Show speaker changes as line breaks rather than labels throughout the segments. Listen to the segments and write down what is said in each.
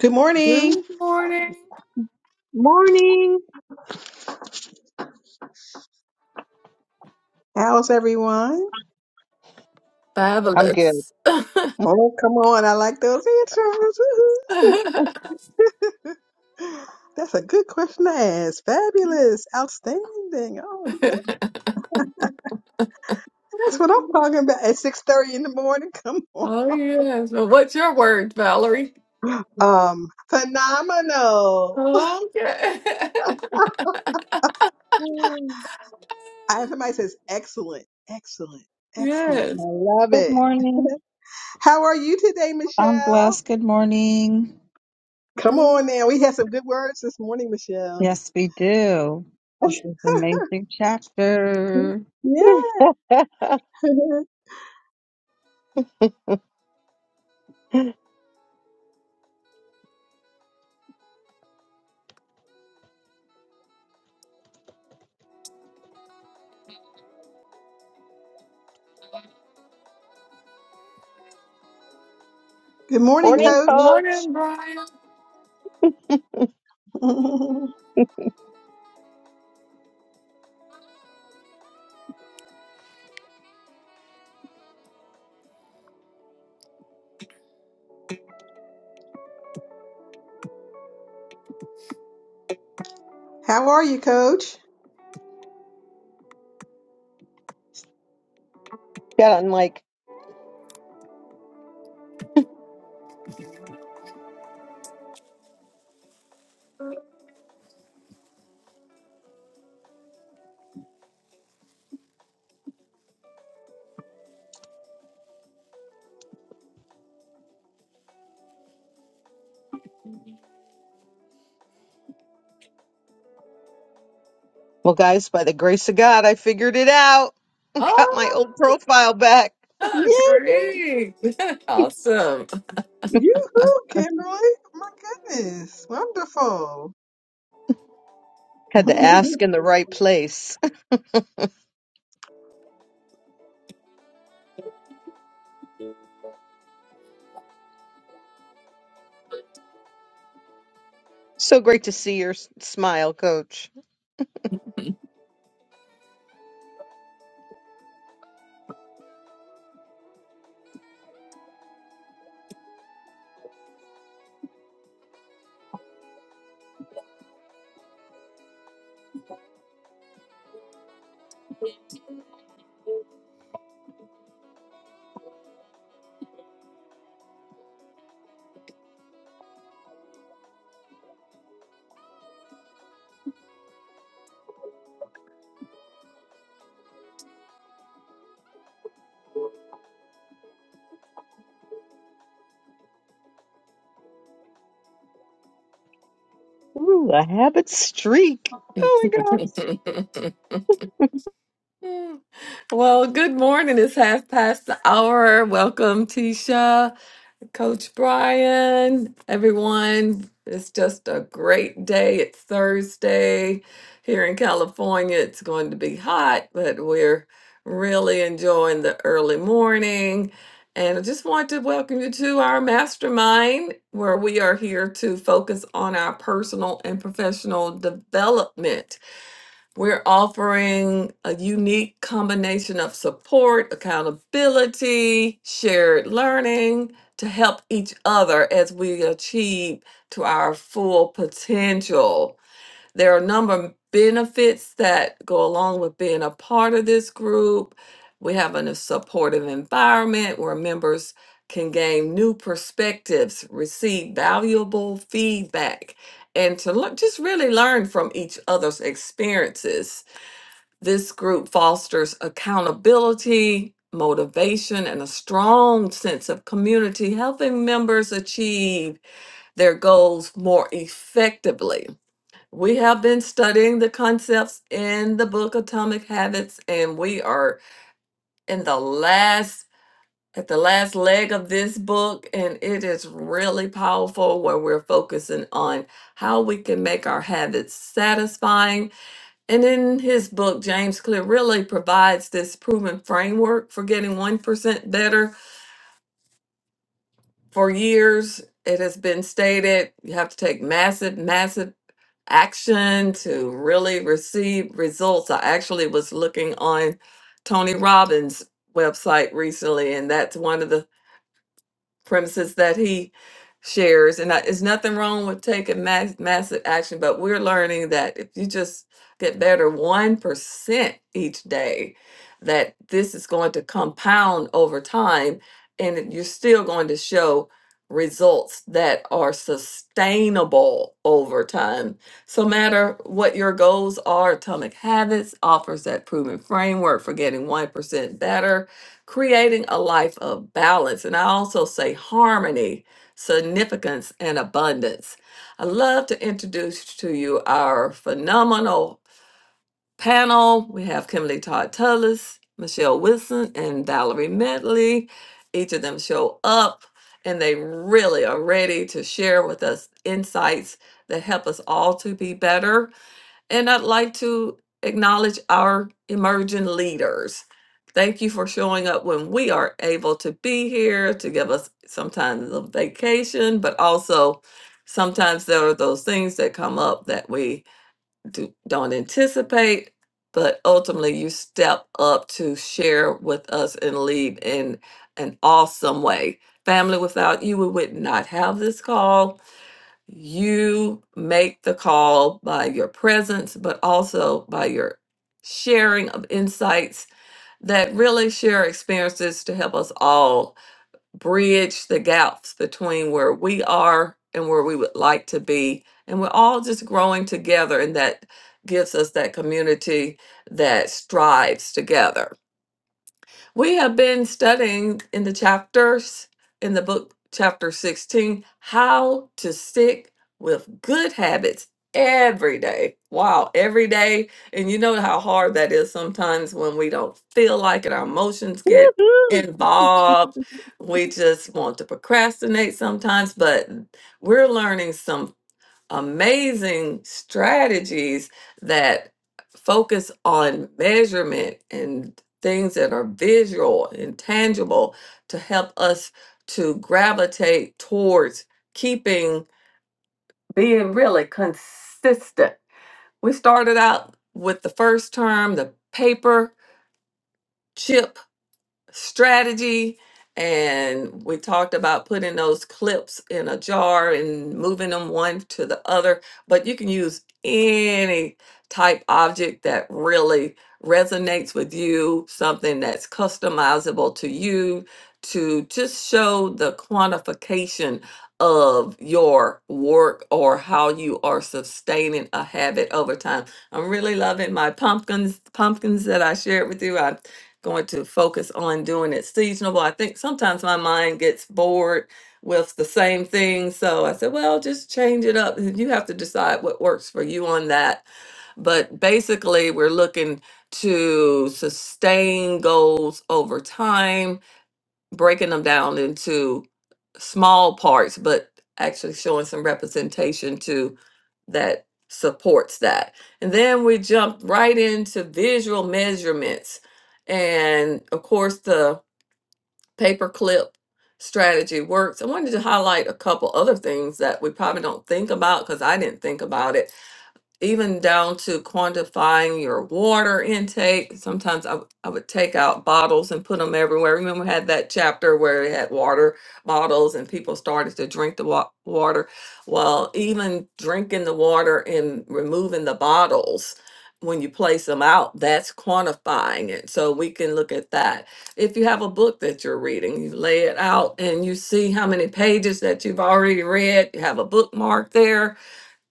Good morning.
Good morning.
Morning.
How's everyone?
I'm good.
Fabulous.
Oh, come on. I like those intros.
oh,
Woo-hoo. That's a good question to ask. Fabulous. Outstanding. Okay. That's what I'm talking about at 6.30 in the morning. Come on.
yes. Well, what's your word, Valerie?
Um, phenomenal.
Okay.
I have somebody says excellent, excellent, excellent. I
yes.
love
Good
it.
morning.
How are you today,
I'm
Michelle?
blessed. Good morning.
Come
Good
on now. We had some good words this morning, Michelle.
Yes, we do. This is an amazing chapter.
Yeah. Good morning,
Morning,
coach.
coach.
morning, Brian.
How are you, Coach?
Yeah, I'm like, well, guys, by the grace of God, I figured it out. Got my
Oh,
old profile back.
oh,
Yay!
great. awesome.
Yoo-hoo, Kimberly. My goodness. Wonderful.
Had to
well,
ask in the right place. so great to see your s- smile, coach. Ooh, a habit streak. Oh my gosh.
well, good morning. It's half past the hour. Welcome, Tisha. Coach Brian, everyone. It's just a great day. It's Thursday here in California. It's going to be hot, but we're really enjoying the early morning. And I just want to welcome you to our mastermind, where we are here to focus on our personal and professional development. We're offering a unique combination of support, accountability, shared learning to help each other as we achieve to our full potential. There are a number of benefits that go along with being a part of this group. We have a supportive environment where members can gain new perspectives, receive valuable feedback, and to learn, just really learn from each other's experiences. This group fosters accountability, motivation, and a strong sense of community, helping members achieve their goals more effectively. We have been studying the concepts in the book Atomic Habits, and we are in the last at the last leg of this book, and it is really powerful where we're focusing on how we can make our habits satisfying. And in his book, James Clear really provides this proven framework for getting 1% better for years. It has been stated you have to take massive, massive action to really receive results. I actually was looking on Tony Robbins' website recently, and that's one of the premises that he shares and I, it's nothing wrong with taking mass, massive action but we're learning that if you just get better 1% each day that this is going to compound over time and that you're still going to show results that are sustainable over time so no matter what your goals are atomic habits offers that proven framework for getting 1% better creating a life of balance. And I also say harmony, significance, and abundance. I love to introduce to you our phenomenal panel. We have Kimberly Todd Tullis, Michelle Wilson, and Valerie Medley. Each of them show up and they really are ready to share with us insights that help us all to be better. And I'd like to acknowledge our emerging leaders. Thank you for showing up when we are able to be here to give us sometimes a vacation, but also sometimes there are those things that come up that we do, don't anticipate. But ultimately, you step up to share with us and lead in an awesome way. Family, without you, we would not have this call you make the call by your presence, but also by your sharing of insights that really share experiences to help us all bridge the gaps between where we are and where we would like to be. And we're all just growing together, and that gives us that community that strives together. We have been studying in the chapters, in the book, chapter 16, how to stick with good habits every day. Wow, every day. And you know how hard that is sometimes when we don't feel like it, our emotions get
Woohoo.
involved. We just want to procrastinate sometimes, but we're learning some amazing strategies that focus on measurement and things that are visual and tangible to help us to gravitate towards keeping being really consistent. We started out with the first term, the paper chip strategy and we talked about putting those clips in a jar and moving them one to the other but you can use any type object that really resonates with you something that's customizable to you to just show the quantification of your work or how you are sustaining a habit over time i'm really loving my pumpkins pumpkins that i shared with you going to focus on doing it seasonable. I think sometimes my mind gets bored with the same thing. So I said, well, just change it up. You have to decide what works for you on that. But basically, we're looking to sustain goals over time breaking them down into small parts, but actually showing some representation to that supports that. And then we jump right into visual measurements. And of course, the paperclip strategy works. I wanted to highlight a couple other things that we probably don't think about because I didn't think about it even down to quantifying your water intake. Sometimes I, w- I would take out bottles and put them everywhere. Remember, we had that chapter where it had water bottles and people started to drink the wa- water. Well, even drinking the water and removing the bottles when you place them out, that's quantifying it. So we can look at that. If you have a book that you're reading, you lay it out and you see how many pages that you've already read, you have a bookmark there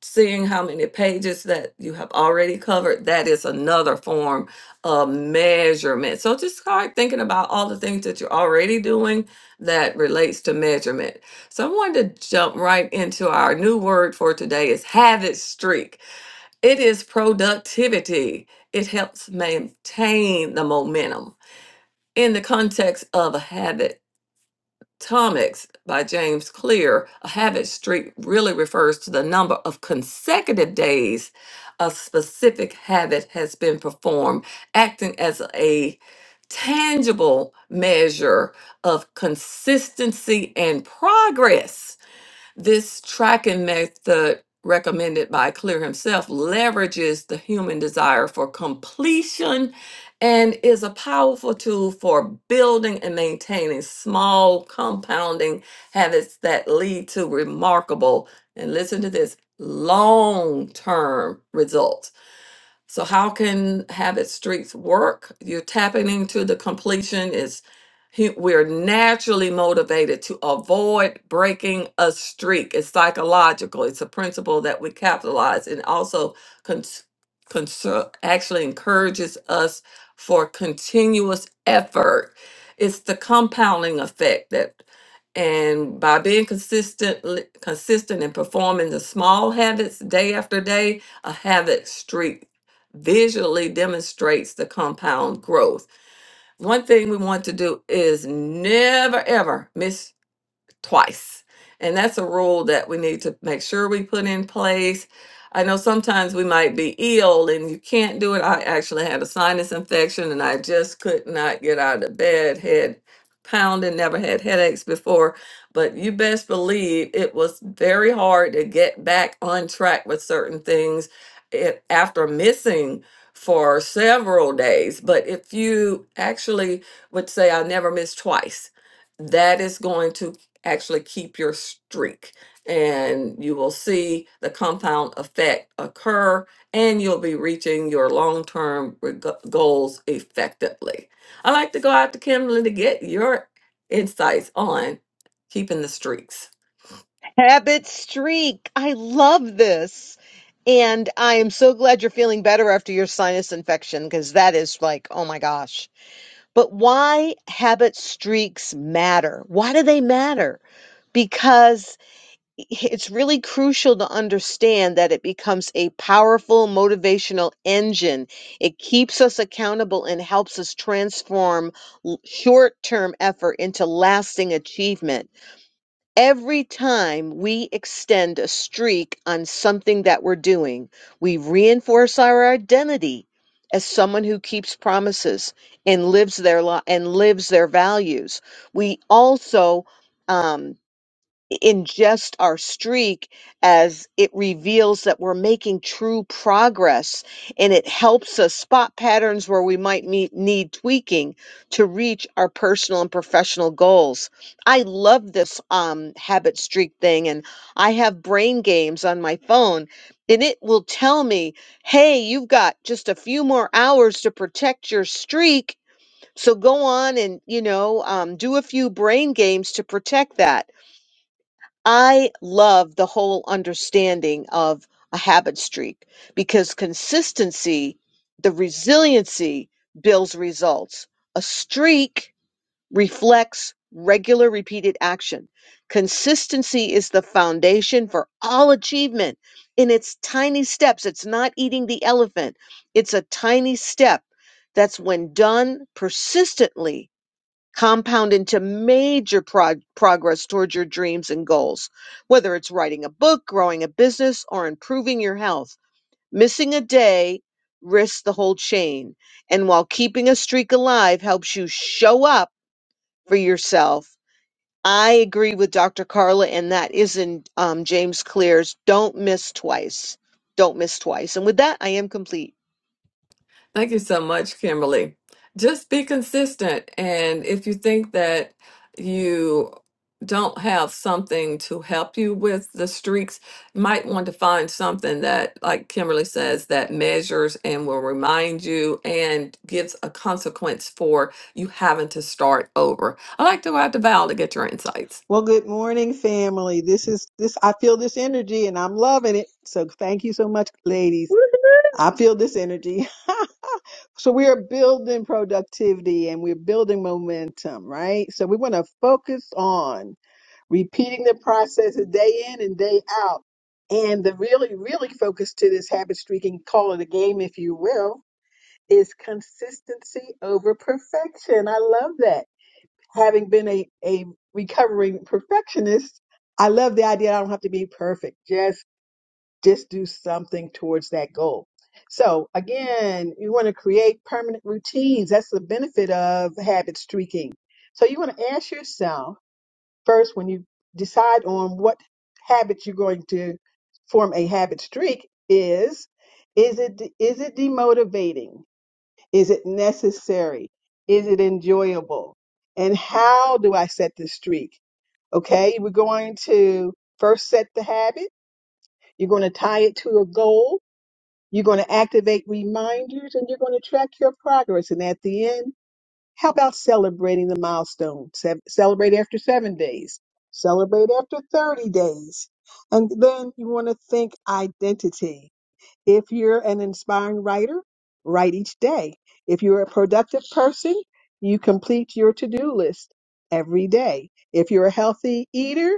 seeing how many pages that you have already covered, that is another form of measurement. So just start thinking about all the things that you're already doing that relates to measurement. So I wanted to jump right into our new word for today is habit streak. It is productivity. It helps maintain the momentum. In the context of a habit, Atomics by James Clear, a habit streak really refers to the number of consecutive days a specific habit has been performed, acting as a tangible measure of consistency and progress. This tracking method recommended by Clear himself leverages the human desire for completion and is a powerful tool for building and maintaining small compounding habits that lead to remarkable and listen to this long-term results. So how can Habit streaks work? You're tapping into the completion is hu- we're naturally motivated to avoid breaking a streak. It's psychological. It's a principle that we capitalize and also cons- conser- actually encourages us for continuous effort. It's the compounding effect that and by being consistent consistent and performing the small habits day after day, a habit streak visually demonstrates the compound growth. One thing we want to do is never ever miss twice. And that's a rule that we need to make sure we put in place. I know sometimes we might be ill and you can't do it. I actually had a sinus infection and I just could not get out of bed, head pounding, never had headaches before. But you best believe it was very hard to get back on track with certain things it, after missing for several days. But if you actually would say, I never miss twice, that is going to actually keep your streak and you will see the compound effect occur and you'll be reaching your long-term reg- goals effectively. I like to go out to Kimberly to get your insights on keeping the streaks.
Habit streak. I love this. And I am so glad you're feeling better after your sinus infection because that is like, oh my gosh But why habit streaks matter? Why do they matter? Because it's really crucial to understand that it becomes a powerful motivational engine. It keeps us accountable and helps us transform short term effort into lasting achievement. Every time we extend a streak on something that we're doing, we reinforce our identity as someone who keeps promises and lives their li- and lives their values. We also um, Ingest our streak as it reveals that we're making true progress and it helps us spot patterns where we might meet, need tweaking to reach our personal and professional goals. I love this um, habit streak thing, and I have brain games on my phone. And it will tell me, hey, you've got just a few more hours to protect your streak. So go on and, you know, um, do a few brain games to protect that I love the whole understanding of a habit streak because consistency, the resiliency builds results. A streak reflects regular repeated action. Consistency is the foundation for all achievement in its tiny steps. It's not eating the elephant, it's a tiny step that's, when done persistently, compound into major prog- progress towards your dreams and goals. Whether it's writing a book, growing a business, or improving your health, missing a day risks the whole chain. And while keeping a streak alive helps you show up for yourself, I agree with Dr. Carla, and that is in um, James Clear's Don't Miss Twice. Don't miss twice. And with that, I am complete.
Thank you so much, Kimberly. Just be consistent. And if you think that you don't have something to help you with the streaks, you might want to find something that, like Kimberly says, that measures and will remind you and gives a consequence for you having to start over. I like to go out to Val to get your insights.
good morning, family. This is this I feel this energy and I'm loving it. So thank you so much, ladies. I feel this energy. so we are building productivity and we're building momentum, right? So we want to focus on repeating the processes day in and day out. And the really, really focus to this habit streak and call it a game, if you will is consistency over perfection. I love that. Having been a, a recovering perfectionist, I love the idea I don't have to be perfect. Just just do something towards that goal. So again, you want to create permanent routines. That's the benefit of habit streaking. So you want to ask yourself first when you decide on what habits you're going to form a habit streak is is it is it demotivating? Is it necessary? Is it enjoyable? And how do I set the streak? Okay, we're going to first set the habit. You're going to tie it to a goal. You're going to activate reminders and you're going to track your progress. And at the end, how about celebrating the milestone? Se- Celebrate after seven days, celebrate after 30 days. And then you want to think identity. If you're an inspiring writer, write each day. If you're a productive person, you complete your to do list every day. If you're a healthy eater,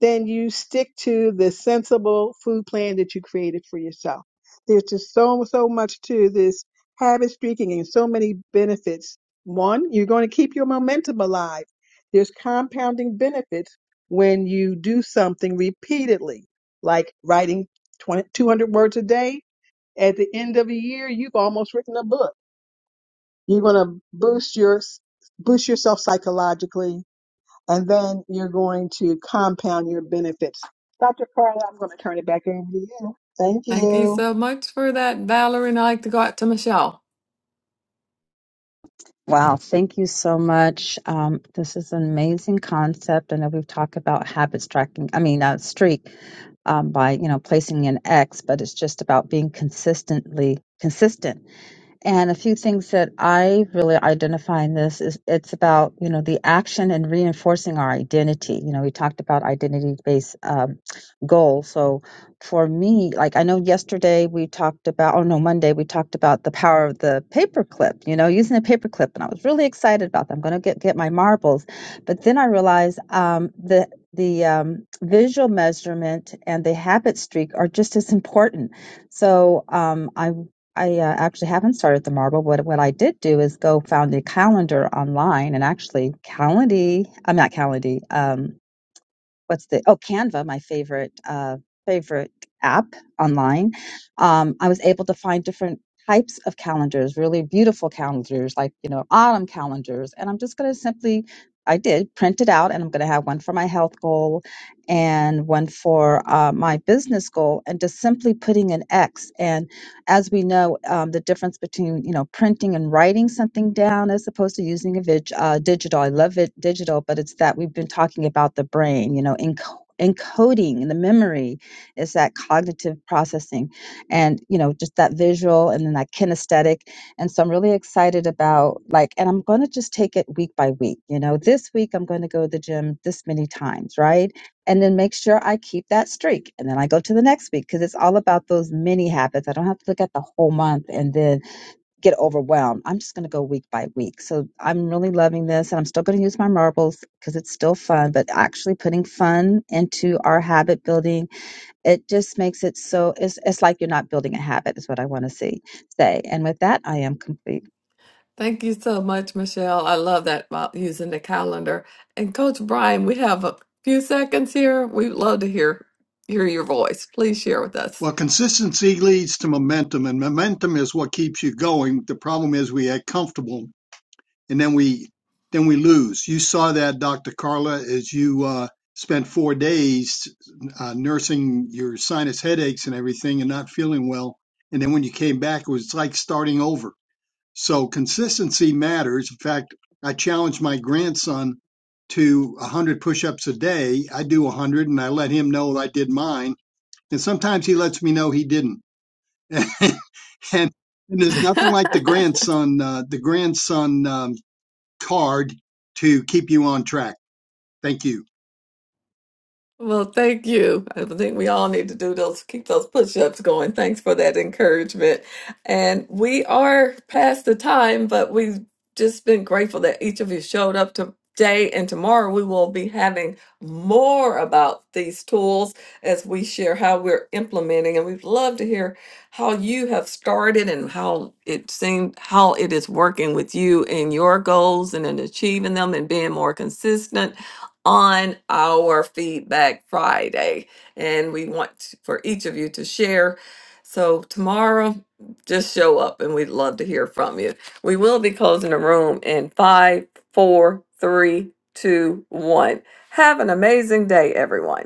then you stick to the sensible food plan that you created for yourself. There's just so, so much to this habit streaking and so many benefits. One, you're going to keep your momentum alive. There's compounding benefits when you do something repeatedly, like writing 20 200 words a day at the end of a year, you've almost written a book. You're going to boost your boost yourself psychologically, and then you're going to compound your benefits. Dr. Carla, I'm going to turn it back over to you. Thank
Thank you
you.
so much for that, Valerie. And I like to go out to Michelle.
Wow. Thank you so much. Um, this is an amazing concept. I know we've talked about habits tracking, I mean, uh, streak um, by, you know, placing an X, but it's just about being consistently consistent And a few things that I really identify in this is it's about, you know, the action and reinforcing our identity. You know, we talked about identity based um, goals. So for me, like I know yesterday we talked about, oh no, Monday we talked about the power of the paperclip, you know, using a paperclip. And I was really excited about that. I'm going to get, get my marbles. But then I realized um, the, the um, visual measurement and the habit streak are just as important. So um, I I uh, actually haven't started the marble, but what I did do is go found a calendar online and actually Calendly, I'm not Calendly, um, what's the, oh, Canva, my favorite, uh, favorite app online. Um, I was able to find different types of calendars, really beautiful calendars, like, you know, autumn calendars. And I'm just going to simply, I did print it out and I'm going to have one for my health goal and one for uh, my business goal and just simply putting an X and as we know, um, the difference between you know printing and writing something down as opposed to using a vig- uh, digital. I love it digital, but it's that we've been talking about the brain. You know, enco- encoding and the memory is that cognitive processing and you know just that visual and then that kinesthetic and so i'm really excited about like and i'm going to just take it week by week you know this week i'm going to go to the gym this many times right and then make sure I keep that streak. And then I go to the next week because it's all about those mini habits. I don't have to look at the whole month and then get overwhelmed. I'm just going to go week by week. So I'm really loving this and I'm still going to use my marbles because it's still fun, but actually putting fun into our habit building, it just makes it so it's, it's like you're not building a habit is what I want to see say. And with that, I am complete.
Thank you so much, Michelle. I love that about using the calendar. And Coach Brian, we have a few seconds here. We'd love to hear hear your voice. Please share with us.
Well, consistency leads to momentum, and momentum is what keeps you going. The problem is we get comfortable, and then we then we lose. You saw that, Dr. Carla, as you uh, spent four days uh, nursing your sinus headaches and everything, and not feeling well. And then when you came back, it was like starting over. So consistency matters. In fact, I challenged my grandson to 100 push-ups a day. I do 100, and I let him know I did mine. And sometimes he lets me know he didn't and and there's nothing like the grandson uh, the grandson um, card to keep you on track. Thank you.
Well, thank you. I think we all need to do those, keep those push-ups going. Thanks for that encouragement. And we are past the time, but we've just been grateful that each of you showed up today. And tomorrow we will be having more about these tools as we share how we're implementing. And we'd love to hear how you have started and how it seemed, how it is working with you in your goals and in achieving them and being more consistent on our Feedback Friday. And we want for each of you to share. So tomorrow, just show up and we'd love to hear from you. We will be closing the room in five, four, three, two, one. Have an amazing day, everyone.